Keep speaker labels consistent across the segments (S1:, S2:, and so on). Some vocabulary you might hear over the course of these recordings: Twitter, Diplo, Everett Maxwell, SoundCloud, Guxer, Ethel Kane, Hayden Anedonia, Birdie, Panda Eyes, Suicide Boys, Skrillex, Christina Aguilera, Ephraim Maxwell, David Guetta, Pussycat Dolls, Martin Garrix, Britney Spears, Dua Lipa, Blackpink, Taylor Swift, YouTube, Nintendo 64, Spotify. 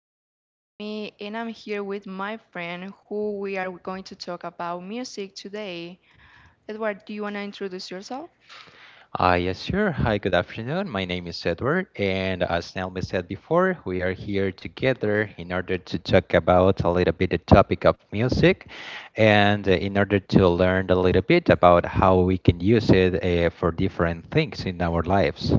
S1: This is Delmi, and I'm here with my friend who we are going to talk about music today. Edward, do you want to introduce yourself?
S2: Yes, sure. Hi, good afternoon. My name is Edward, and as Naomi said before, we are here together in order to talk about a little bit the topic of music, and in order to learn a little bit about how we can use it for different things in our lives.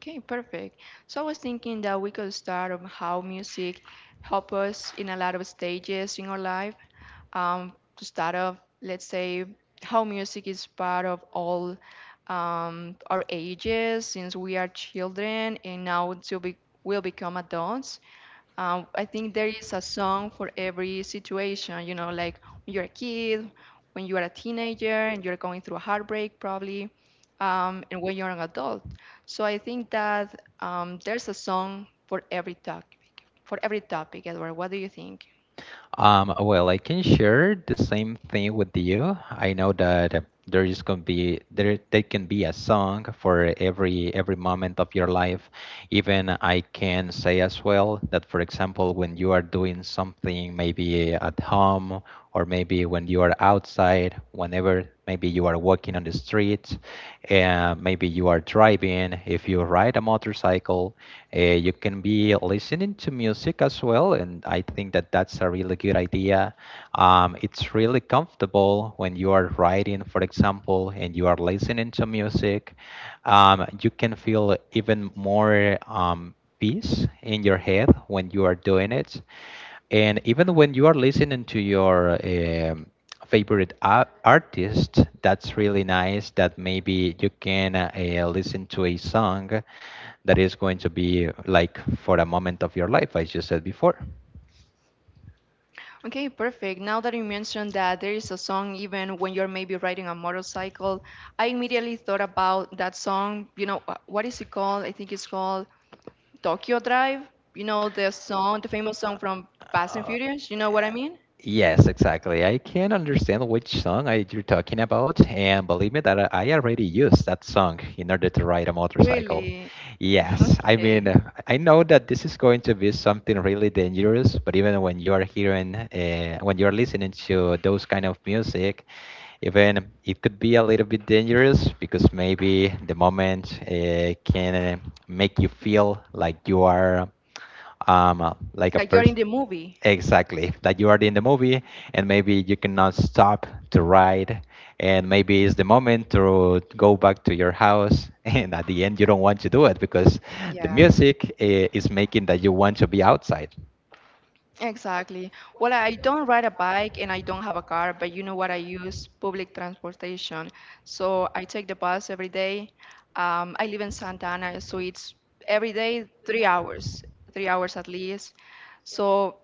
S1: Okay, perfect. So I was thinking that we could start on how music help us in a lot of stages in our life. To start off, let's say how music is part of all our ages since we are children and now to be will become adults. I think there is a song for every situation, you know, like when you're a kid, when you are a teenager and you're going through a heartbreak, probably, and when you're an adult. So I think that there's a song for every topic, Edward. What do you think?
S2: Well, I can share the same thing with you. I know that there is going to be there there can be a song for every moment of your life. Even I can say as well that, for example, when you are doing something maybe at home or maybe when you are outside, whenever maybe you are walking on the street, maybe you are driving, if you ride a motorcycle, you can be listening to music as well. And I think that that's a really good idea. It's really comfortable when you are riding, for example, and you are listening to music. You can feel even more peace in your head when you are doing it. And even when you are listening to your favorite artist, that's really nice that maybe you can listen to a song that is going to be like for a moment of your life, as you said before.
S1: Okay, perfect. Now that you mentioned that there is a song even when you're maybe riding a motorcycle, I immediately thought about that song. You know, what is it called? I think it's called Tokyo Drive, you know the song, the famous
S2: Uh,
S1: song from Fast and
S2: uh,
S1: Furious, you know what I mean?
S2: Yes, exactly. I can understand which song you're talking about, and believe me that I already used that song in order to ride a motorcycle.
S1: Really?
S2: Yes, I
S1: Okay.
S2: mean, I know that this is going to be something really dangerous, but even when you are when you are listening to those kind of music. Even it could be a little bit dangerous because maybe the moment can make you feel like you are, like a
S1: Like you're in
S2: person.
S1: the movie.
S2: Exactly, that you are in the movie, and maybe you cannot stop to ride, and maybe it's the moment to go back to your house, and at the end you don't want to do it because the
S1: Yeah.
S2: music is making that you want to be outside.
S1: Exactly. Well, I don't ride a bike and I don't have a car, but you know what? I use public transportation. So I take the bus every day. I live in Santa Ana, so it's every day 3 hours, 3 hours at least. So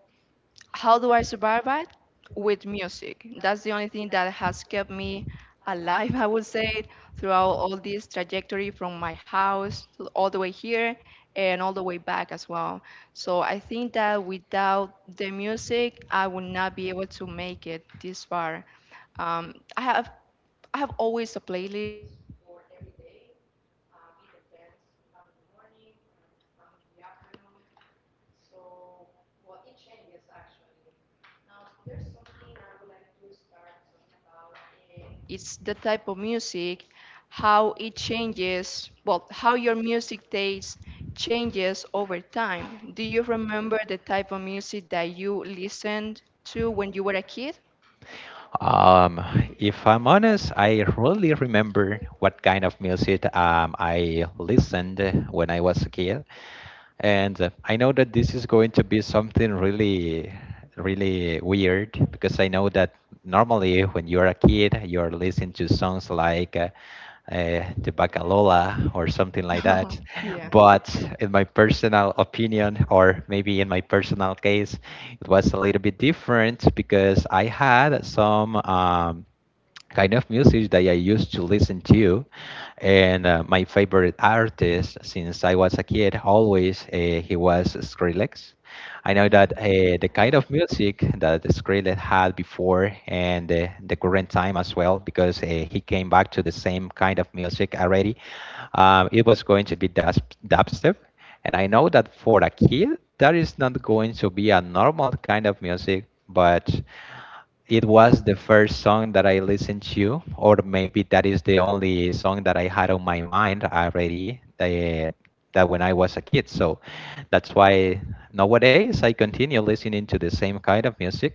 S1: how do I survive it? With music. That's the only thing that has kept me alive, I would say, throughout all this trajectory from my house to all the way here and all the way back as well. So I think that without the music, I would not be able to make it this far. I have always a playlist, it's the type of music, how it changes, well, how your music taste changes over time. Do you remember the type of music that you listened to when you were a kid?
S2: Um, if I'm honest, I really remember what kind of music I listened when I was a kid. And I know that this is going to be something really, really weird because I know that normally when you're a kid, you're listening to songs like the Bacalola or something like that.
S1: Yeah.
S2: But in my personal opinion, or maybe in my personal case, it was a little bit different because I had some kind of music that I used to listen to. And my favorite artist since I was a kid always, he was Skrillex. I know that
S1: Okay.
S2: the kind of music that Skrillex had before and the current time as well, because he came back to the same kind of music already. It was going to be dubstep, and I know that for a kid, that is not going to be a normal kind of music, but it was the first song that I listened to, or maybe that is the only song that I had on my mind already that when I was a kid. So that's why nowadays I continue listening to the same kind of music.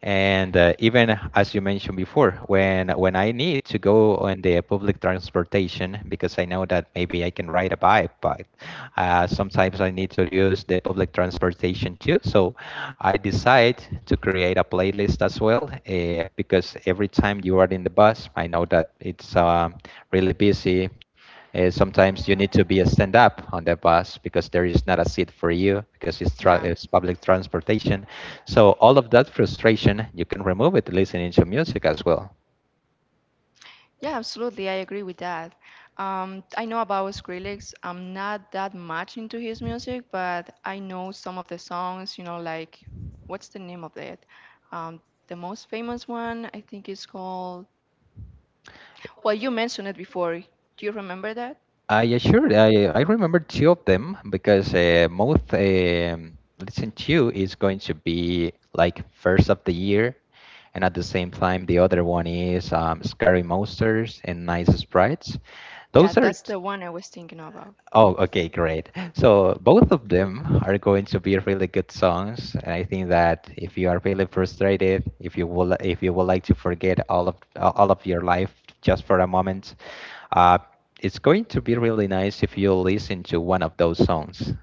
S2: And even as you mentioned before, when I need to go on the public transportation, because I know that maybe I can ride a bike, but sometimes I need to use the public transportation too. So I decide to create a playlist as well, because every time you are in the bus, I know that it's really busy. Sometimes you need to be a stand up on the bus because there is not a seat for you, because
S1: Yeah,
S2: it's public transportation. So all of that frustration, you can remove it listening to music as well.
S1: yeah, absolutely. I agree with that. I know about Skrillex. I'm not that much into his music, but I know some of the songs, you know, like what's the name of it? Um, the most famous one, I think is called. Well, you mentioned it before. Do you remember that?
S2: I assured I remember two of them, because most listen to is going to be like first of the year, and at the same time the other one is Scary Monsters and Nice Sprites.
S1: Yeah,
S2: Those are.
S1: that's the one I was thinking about.
S2: Oh, okay, great. So both of them are going to be really good songs, and I think that if you are really frustrated, if you would like to forget all of your life just for a moment, uh, it's going to be really nice if you listen to one of those songs.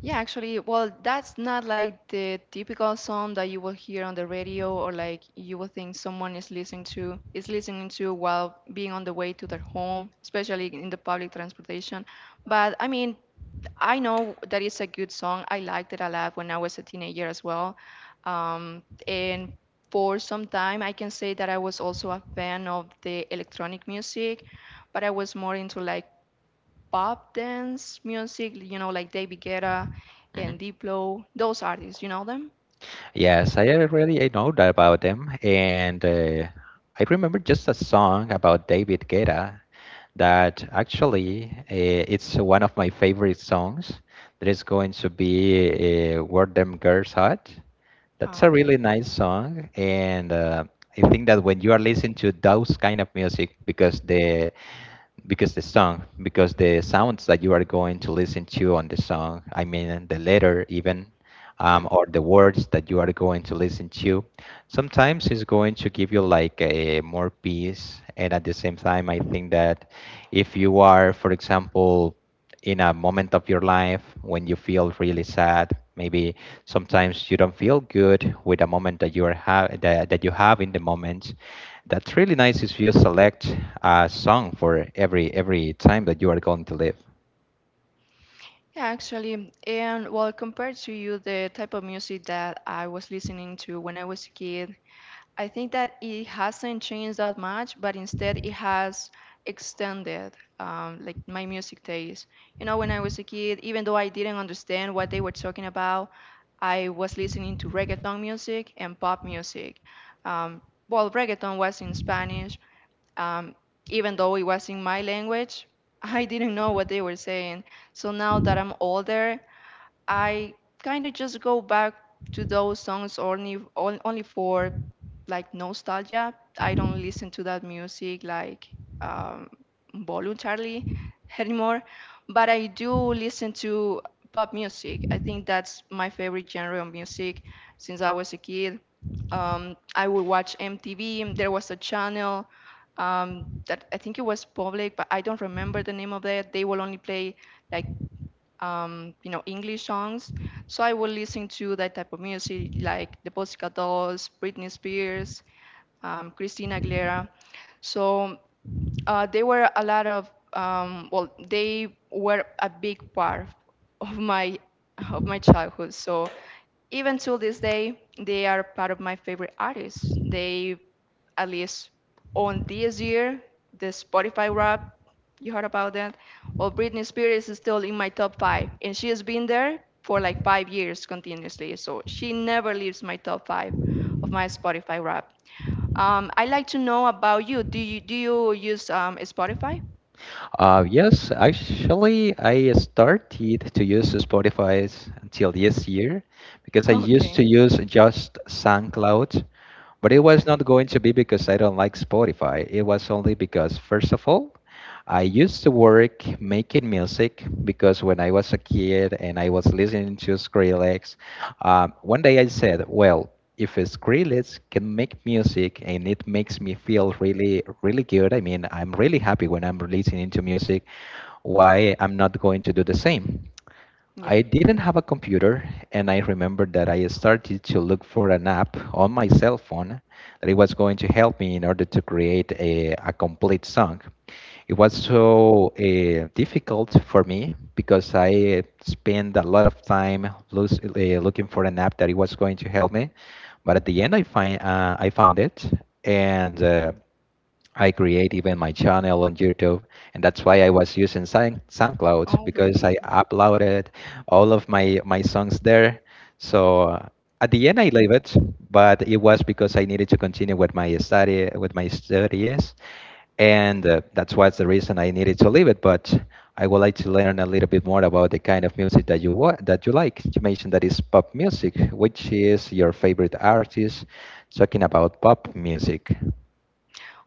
S1: Yeah, actually, well, that's not like the typical song that you will hear on the radio, or like you will think someone is listening to while being on the way to their home, especially in the public transportation. But I mean, I know that it's a good song. I liked it a lot when I was a teenager as well. And for some time, I can say that I was also a fan of the electronic music, but I was more into like pop dance music, you know, like David Guetta
S2: hmm
S1: and Diplo, those artists, you know them?
S2: Yes, I know that about them, and I remember just a song about David Guetta that actually, it's one of my favorite songs. That is going to be "Where Them Girls Hot." That's
S1: Ah,
S2: a really
S1: okay.
S2: nice song, and I think that when you are listening to those kind of music, because the sounds that you are going to listen to on the song, I mean the letter even,
S1: Yeah.
S2: or the words that you are going to listen to, sometimes it's going to give you like a more peace, and at the same time I think that if you are, for example, in a moment of your life when you feel really sad, maybe sometimes you don't feel good with a moment that you are have that, that you have in the moment. That's really nice if you select a song for every time that you are going to live.
S1: Yeah, actually. And well, compared to you, the type of music that I was listening to when I was a kid, I think that it hasn't changed that much, but instead it has extended like my music taste. You know, when I was a kid, even though I didn't understand what they were talking about, I was listening to reggaeton music and pop music. Um, well, reggaeton was in Spanish. Um, even though it was in my language, I didn't know what they were saying. So now that I'm older, I kind of just go back to those songs only on- only for like nostalgia. I don't listen to that music like um, voluntarily anymore, but I do listen to pop music. I think that's my favorite genre of music since I was a kid. I would watch MTV. There was a channel that I think it was public, but I don't remember the name of it. They will only play like you know, English songs. So I will listen to that type of music like the Pussycat Dolls, Britney Spears, Christina Aguilera. So there were a lot of they were a big part of my childhood, so even till this day they are part of my favorite artists. They at least on this year the Spotify rap, you heard about that? Well, Britney Spears is still in my top five and she has been there for like 5 years continuously, so she never leaves my top five of my Spotify rap. I like to know about you. Do you use Spotify?
S2: Yes, actually, I started to use Spotify until this year, because I used to
S1: Okay.
S2: use just SoundCloud, but it was
S1: Okay.
S2: not going to be because I don't like Spotify. It was only because, first of all, I used to work making music, because when I was a kid and I was listening to Skrillex, one day I said, well, if Skrillex can make music and it makes me feel really, really good, I mean, I'm really happy when I'm listening to music, why I'm not going to do the same?
S1: Yeah.
S2: I didn't have a computer, and I remember that I started to look for an app on my cell phone that it was going to help me in order to create a complete song. It was so difficult for me, because I spent a lot of time looking for an app that it was going to help me. But at the end, I found it, and I create even my channel on YouTube, and that's why I was using SoundCloud,
S1: Oh,
S2: because
S1: really?
S2: I uploaded all of my songs there. So, at the end, I leave it, but it was because I needed to continue with my study with my studies, and that's what's the reason I needed to leave it. But I would like to learn a little bit more about the kind of music that you like. You mentioned that is pop music. Which is your favorite artist? Talking about pop music,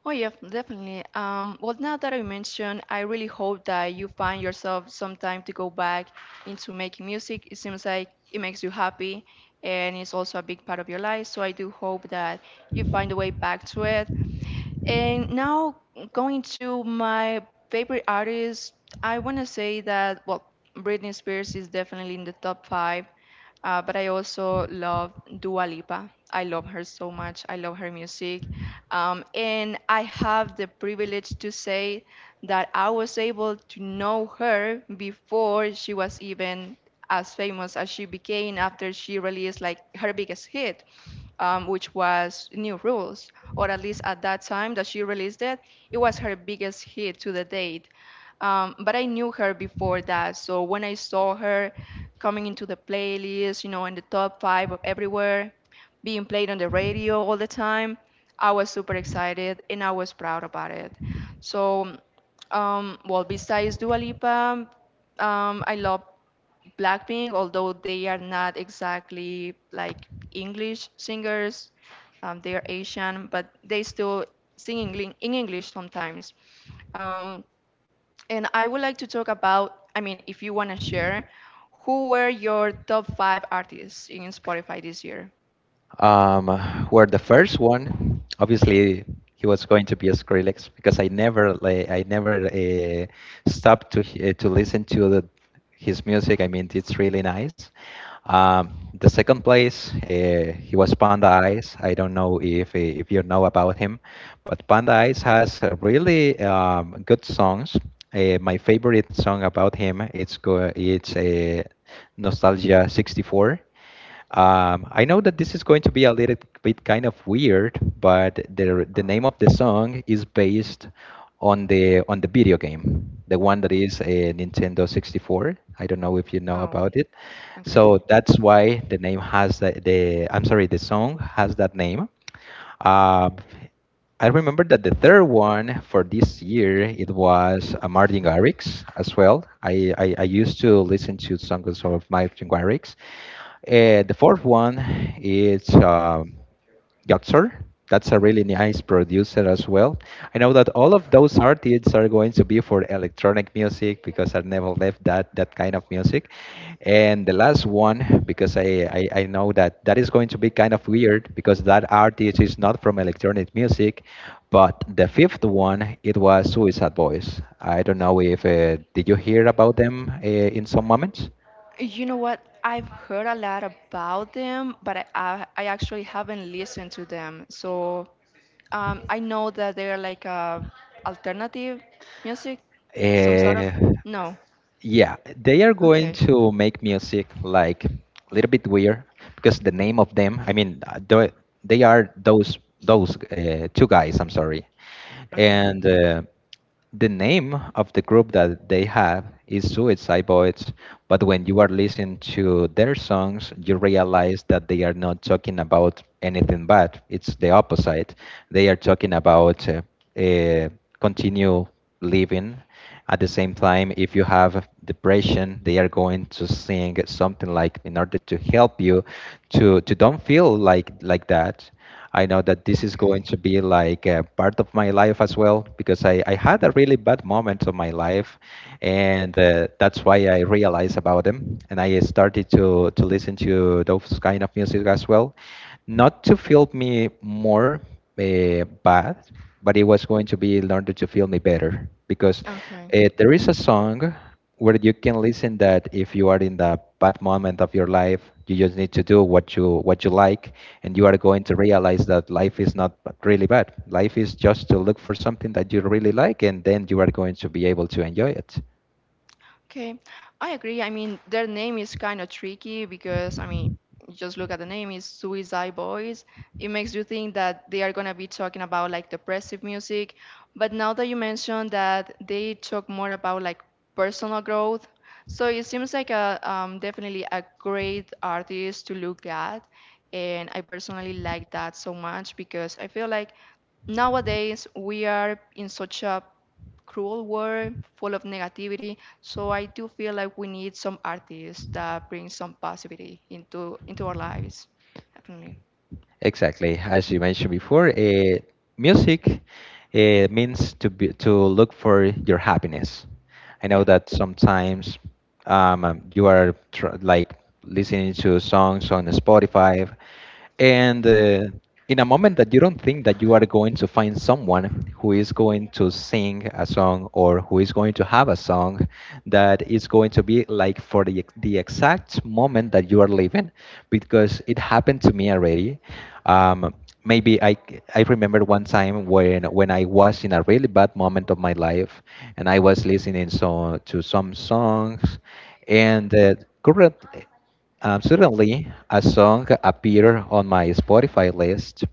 S1: Oh, yeah, definitely. Well, now that I mentioned, I really hope that you find yourself some time to go back into making music. It seems like it makes you happy and it's also a big part of your life. So I do hope that you find a way back to it. And now going to my favorite artist, I want to say that, well, Britney Spears is definitely in the top five, but I also love Dua Lipa. I love her so much. I love her music. And I have the privilege to say that I was able to know her before she was even as famous as she became after she released like her biggest hit which was New Rules, or at least at that time that she released it, it was her biggest hit to the date. But I knew her before that, so when I saw her coming into the playlist, you know, in the top five of everywhere, being played on the radio all the time, I was super excited and I was proud about it. So, well, besides Dua Lipa, I love Blackpink, although they are not exactly like English singers, they are Asian, but they still sing in English sometimes. Um, and I would like to talk about, I mean, if you want to share, who were your top five artists in Spotify this year?
S2: um, where the first one, obviously, he was going to be a Skrillex, because I never, like, I never stopped to listen to his music. I mean, it's really nice. Um, the second place, he was Panda Eyes. I don't know if you know about him, but Panda Eyes has really good songs. My favorite song about him, it's a Nostalgia 64. I know that this is going to be a little bit kind of weird, but the name of the song is based on the video game, the one that is a Nintendo 64. I don't know if you know
S1: Oh,
S2: about it.
S1: okay.
S2: So that's why the name has the I'm sorry, the song has that name. Uh, I remember that the third one for this year it was a Martin Garrix as well. I used to listen to songs of Martin Garrix. The fourth one is Guxer. That's a really nice producer as well. I know that all of those artists are going to be for electronic music, because I never left that that kind of music. And the last one, because I know that that is going to be kind of weird, because that artist is not from electronic music. But the fifth one, it was Suicide Boys. I don't know if did you hear about them in some moments?
S1: You know what? I've heard a lot about them, but I actually haven't listened to them. So I know that they're like a alternative music, some sort of.
S2: Uh,
S1: No.
S2: Yeah, they are going
S1: Okay.
S2: to make music like a little bit weird, because the name of them, I mean, they are those two guys. I'm sorry,
S1: Okay.
S2: and the name of the group that they have is Suicide Boys, but when you are listening to their songs, you realize that they are not talking about anything bad. It's the opposite. They are talking about uh, continue living. At the same time, if you have depression, they are going to sing something like in order to help you to don't feel like that. I know that this is going
S1: Okay.
S2: to be like a part of my life as well because I had a really bad moment of my life and that's why I realized about them and I started to listen to those kind of music as well not to feel me more bad, but it was going to be in order to feel me better because
S1: Okay.
S2: there is a song where you can listen that if you are in the bad moment of your life, you just need to do what you like, and you are going to realize that life is not really bad. Life is just to look for something that you really like, and then you are going to be able to enjoy it.
S1: Okay, I agree. I mean, their name is kind of tricky because, I mean, you just look at the name, it's Suicide Boys. It makes you think that they are gonna be talking about like depressive music. But now that you mentioned that they talk more about like personal growth, so it seems like a definitely a great artist to look at. And I personally like that so much because I feel like nowadays we are in such a cruel world, full of negativity. So I do feel like we need some artists that bring some positivity into our lives. Definitely.
S2: Exactly, as you mentioned before, music means to be, to look for your happiness. I know
S1: Yeah.
S2: that sometimes you are like listening to songs on Spotify, and in a moment that you don't think that you are going to find someone who is going to sing a song or who is going to have a song that is going to be like for the, the exact moment that you are living because it happened to me already. um, Maybe I remember one time when I was in a really bad moment of my life, and I was listening so to some songs, and current suddenly a song appeared on my Spotify list,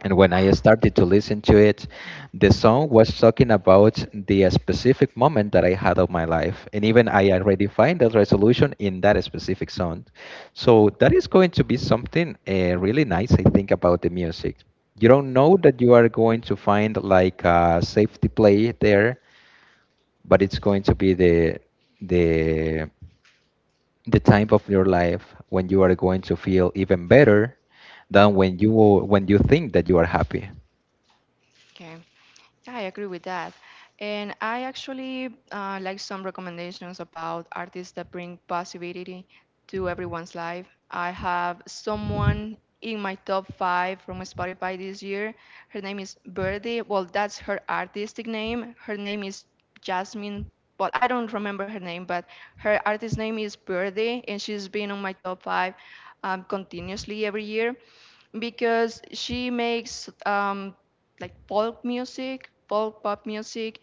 S2: and when I started to listen to it, the song was talking about the specific moment that I had of my life. And even I already find that resolution in that specific song. So that is going to be something really nice, I think, about the music. You don't know that you are going to find like a safety play there, but it's going to be the the time of your life when you are going to feel even better than when you think that you are happy.
S1: Okay. Yeah, I agree with that. And I actually like some recommendations about artists that bring positivity to everyone's life. I have someone in my top five from Spotify this year. Her name is Birdie. Well, that's her artistic name. Her name is Jasmine. Well, I don't remember her name, but her artist name is Birdie, and she's been on my top five continuously every year because she makes like folk music, folk pop music,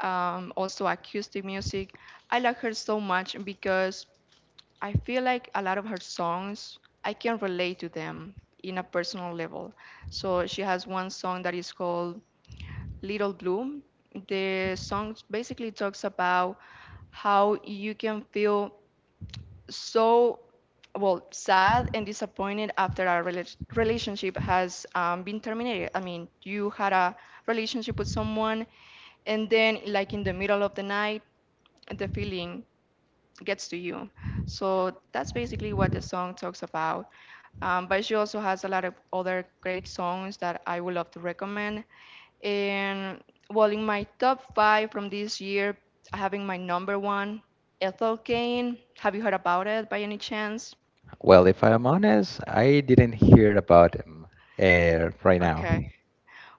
S1: also acoustic music. I like her so much because I feel like a lot of her songs I can relate to them in a personal level. So she has one song that is called Little Bloom. The song basically talks about how you can feel so well sad and disappointed after our relationship has been terminated. I mean, you had a relationship with someone and then like in the middle of the night the feeling gets to you. So that's basically what the song talks about. But she also has a lot of other great songs that I would love to recommend. And well, in my top five from this year, having my number one, Ethel Kane. Have you heard about it by any chance?
S2: Well, if I'm honest, I didn't hear about him right now.
S1: Okay.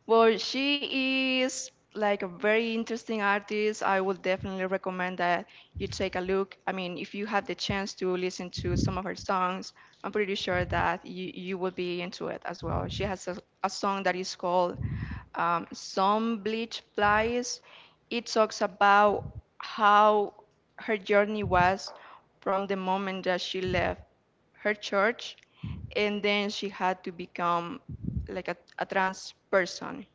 S1: Well, she is like a very interesting artist. I would definitely recommend that you take a look. I mean, if you had the chance to listen to some of her songs, I'm pretty sure that you would be into it as well. She has a song that is called Some Bleach Flies. It talks about how her journey was from the moment that she left her church and then she had to become like a trans person.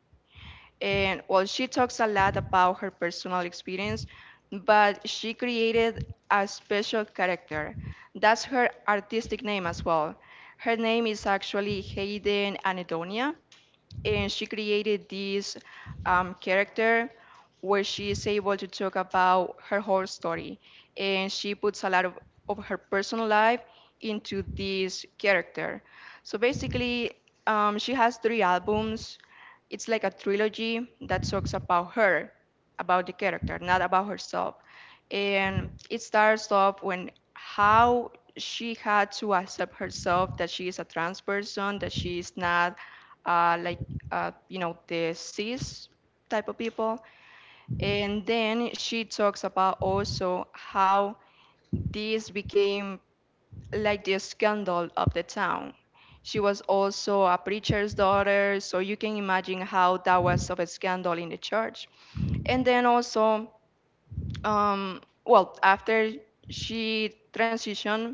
S1: And well, she talks a lot about her personal experience, but she created a special character. That's her artistic name as well. Her name is actually Hayden Anedonia, and she created this character where she is able to talk about her whole story, and she puts a lot of her personal life into this character. So basically, she has three albums. It's like a trilogy that talks about her, about the character, not about herself. And it starts off when, how she had to accept herself, that she is a trans person, that she is not like the cis type of people. And then she talks about also how this became like the scandal of the town. She was also a preacher's daughter, so you can imagine how that was of a scandal in the church. And then also, um, well, after she transitioned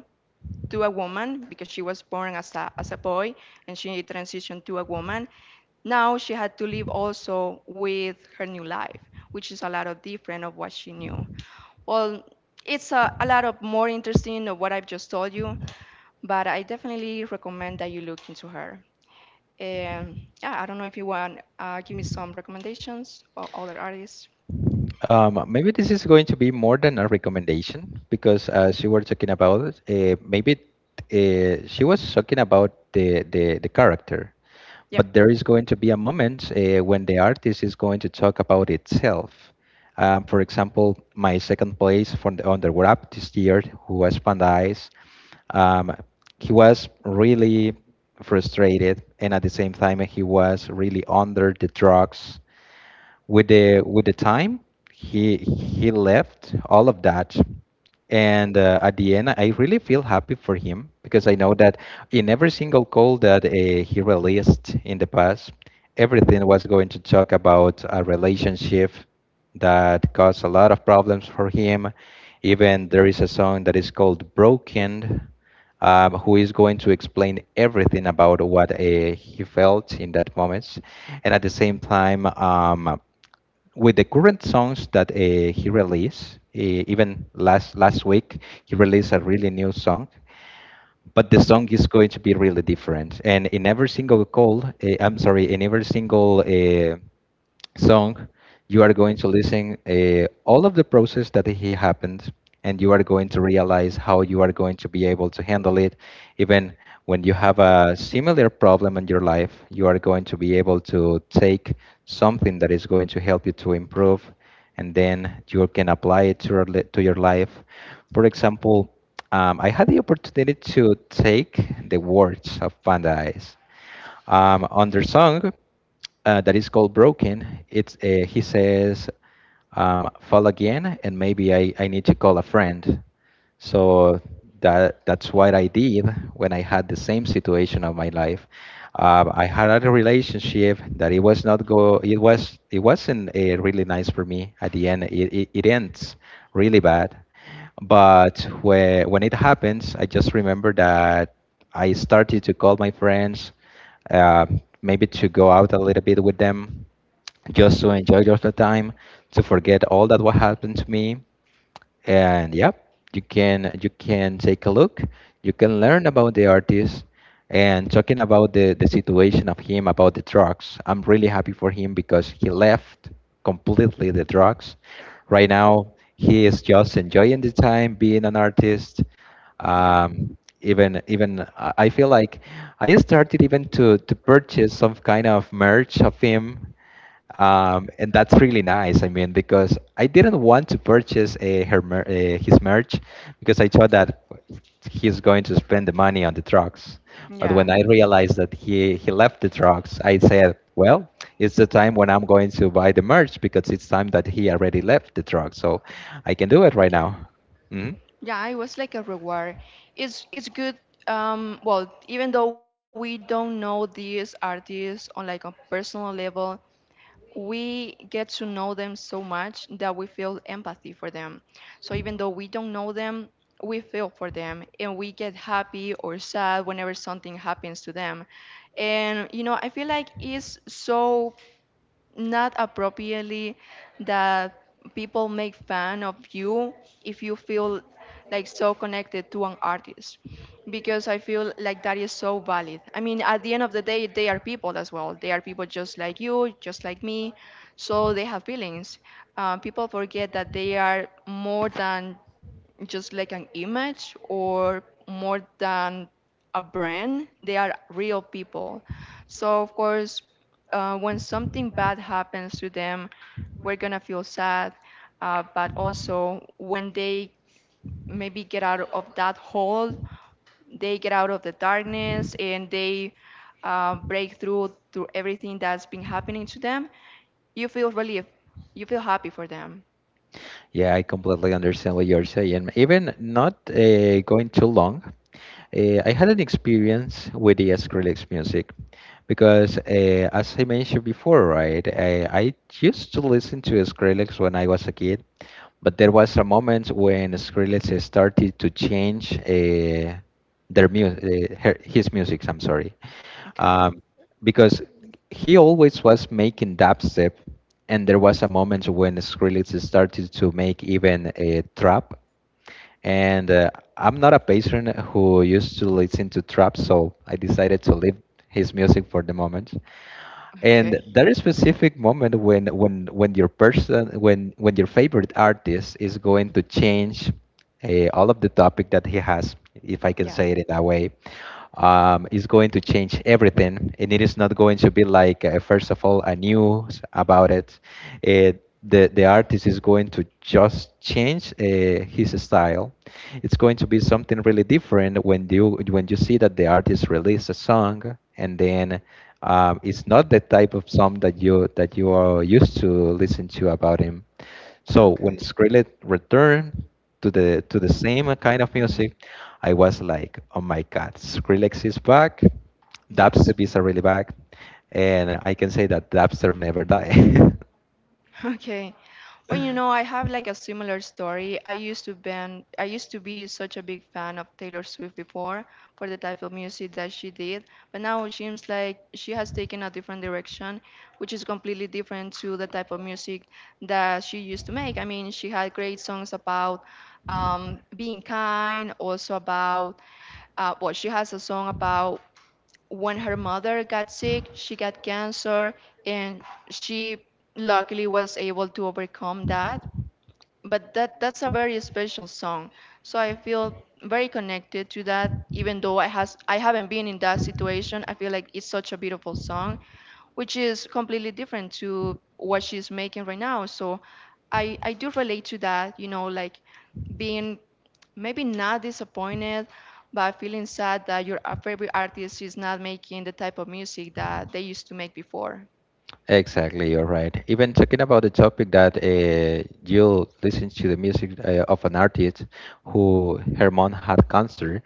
S1: to a woman, because she was born as as a boy and she transitioned to a woman. Now she had to live also with her new life, which is a lot of different of what she knew. Well, it's a lot of more interesting of what I've just told you, but I definitely recommend that you look into her. And yeah, I don't know if you want, give me some recommendations or other artists.
S2: Maybe this is going to be more than a recommendation because as you were talking about, maybe she was talking about the character,
S1: Yep.
S2: but there is going to be a moment when the artist is going to talk about itself. For example, my second place from on the wrap this year, who was Panda Eyes, um, he was really frustrated, and at the same time, he was really under the drugs with the time he left all of that and at the end, I really feel happy for him because I know that in every single call that he released in the past, everything was going to talk about a relationship that caused a lot of problems for him. Even there is a song that is called Broken, who is going to explain everything about what he felt in that moment. And at the same time, with the current songs that he released, even last week, he released a really new song. But the song is going to be really different. And in every single call, I'm sorry, in every single song, you are going to listen all of the process that he happened, and you are going to realize how you are going to be able to handle it. Even when you have a similar problem in your life, you are going to be able to take something that is going to help you to improve, and then you can apply it to your, to your life. For example, I had the opportunity to take the words of Panda Eyes on their song that is called Broken. It's he says, "Fall again, and maybe I need to call a friend." So that's what I did when I had the same situation of my life. I had a relationship that it was not go. It was it wasn't really nice for me. At the end, it ends really bad. But when it happens, I just remember that I started to call my friends, uh, maybe to go out a little bit with them, just to enjoy just the time, to forget all that what happened to me. And yep, you can take a look, you can learn about the artist and talking about the situation of him about the drugs. I'm really happy for him because he left completely the drugs. Right now he is just enjoying the time being an artist.
S1: Yeah.
S2: Even I feel like I started even to purchase some kind of merch of him, and that's really nice. I mean, because I didn't want to purchase a, his merch because I thought that he's going to spend the money on the trucks. But when
S1: Yeah.
S2: I realized that he left the trucks, I said, well, it's the time when I'm going to buy the merch because it's time that he already left the truck. So I can do it right
S1: Okay.
S2: now. Hmm.
S1: Yeah, it was like a reward. It's good. Well, even though we don't know these artists on like a personal level, we get to know them so much that we feel empathy for them. So even though we don't know them, we feel for them, and we get happy or sad whenever something happens to them. And you know, I feel like it's so not appropriately that people make fun of you if you feel like so connected to an artist, because I feel like that is so valid. I mean, at the end of the day, they are people as well. They are people just like you, just like me, so they have feelings. People forget that they are more than just like an image or more than a brand. They are real people. So of course, when something bad happens to them, we're gonna feel sad. But also, when they maybe get out of that hole, they get out of the darkness, and they break through everything that's been happening to them, you feel relief. You feel happy for them.
S2: Yeah, I completely understand what you're saying. Even not going too long, I had an experience with the Skrillex music because, as I mentioned before, right, I used to listen to Skrillex when I was a kid, but there was a moment when Skrillex started to change his music. I'm sorry,
S1: Okay.
S2: um, because he always was making dubstep, and there was a moment when Skrillex started to make even a trap. And I'm not a patron who used to listen to trap, so I decided to leave his music for the moment. And
S1: Okay.
S2: there is specific moment when when your person when your favorite artist is going to change all of the topic that he has, if I can
S1: Yeah.
S2: say it in that way, is going to change everything, and it is not going to be like first of all a news about it. It the artist is going to just change his style. It's going to be something really different when you see that the artist released a song and then. It's not the type of song that you are used to listen to about him. So when
S1: Okay.
S2: Skrillex returned to the same kind of music, I was like, "Oh my God, Skrillex is back,
S1: Yes.
S2: dubstep is really back," and I can say that dubstep never died.
S1: Okay. Well, you know, I have like a similar story. I used to be such a big fan of Taylor Swift before, for the type of music that she did, but now it seems like she has taken a different direction, which is completely different to the type of music that she used to make. I mean, she had great songs about being kind, also about, well, she has a song about when her mother got sick, she got cancer, and she luckily was able to overcome that. But that's a very special song, so I feel very connected to that. Even though I haven't been in that situation, I feel like it's such a beautiful song, which is completely different to what she's making right now. So I do relate to that, you know, like being maybe not disappointed, but feeling sad that your favorite artist is not making the type of music that they used to make before.
S2: Exactly, you're right. Even talking about the topic that you listen to the music of an artist who her mom had cancer,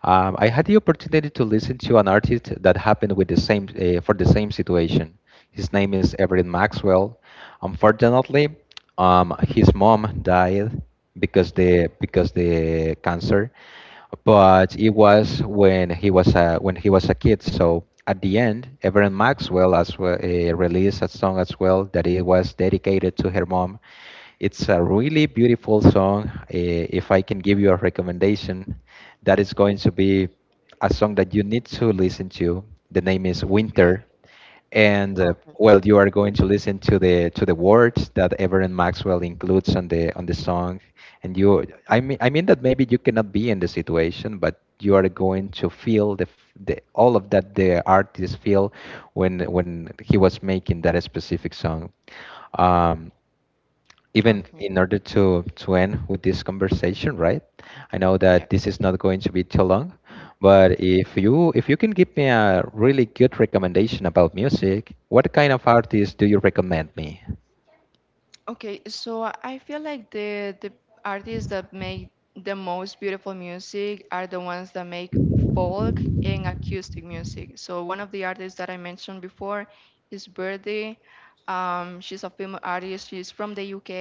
S2: I had the opportunity to listen to an artist that happened with the same for the same situation. His name is Everett Maxwell. Unfortunately, his mom died because the cancer, but it was when he was a when he was a kid. So at the end, Everett Maxwell as well released a song as well that it was dedicated to her mom. It's a really beautiful song. If I can give you a recommendation, that is going to be a song that you need to listen to. The name is
S1: Okay.
S2: Winter and
S1: Okay.
S2: well, you are going to listen to the words that Everett Maxwell includes on the song, and you, I mean that maybe you cannot be in the situation, but you are going to feel the all of that the artist feel when he was making that specific song. um, Even
S1: Okay.
S2: in order to end with this conversation, right? I know
S1: Yeah.
S2: that this is not going to be too long, but if you can give me a really good recommendation about music, what kind of artist do you recommend me?
S1: Okay, so I feel like the artists that make the most beautiful music are the ones that make folk and acoustic music. So one of the artists that I mentioned before is Birdie. She's a female artist. She's from the UK.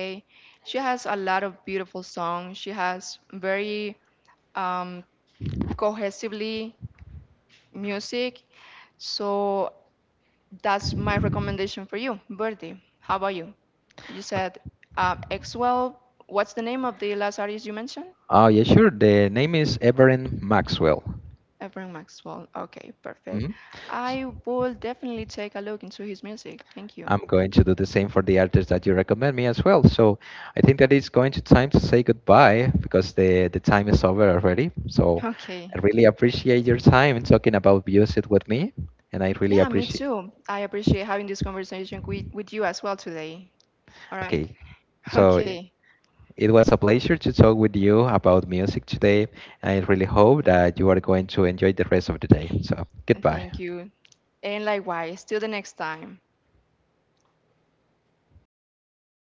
S1: She has a lot of beautiful songs. She has very um, cohesively music. So that's my recommendation for you, Birdie. How about you? You said
S2: Ok-
S1: Maxwell. What's the name of the last artist you mentioned?
S2: Oh yeah, sure, the name is Everin Maxwell.
S1: Ephraim Maxwell. Okay, perfect.
S2: Mhm.
S1: I will definitely take a look into his music. Thank you.
S2: I'm going to do the same for the artists that you recommend me as well. So I think that it's going to time to say goodbye because the time is over already. So I
S1: Okay.
S2: really appreciate your time in talking about music with me, and I really
S1: Yeah, me
S2: appreciate.
S1: too. I appreciate having this conversation with, you as well today. All right.
S2: Okay, so
S1: Okay.
S2: it was a pleasure to talk with you about music today. I really hope that you are going to enjoy the rest of the day. So goodbye.
S1: Thank you. And likewise, till the next time.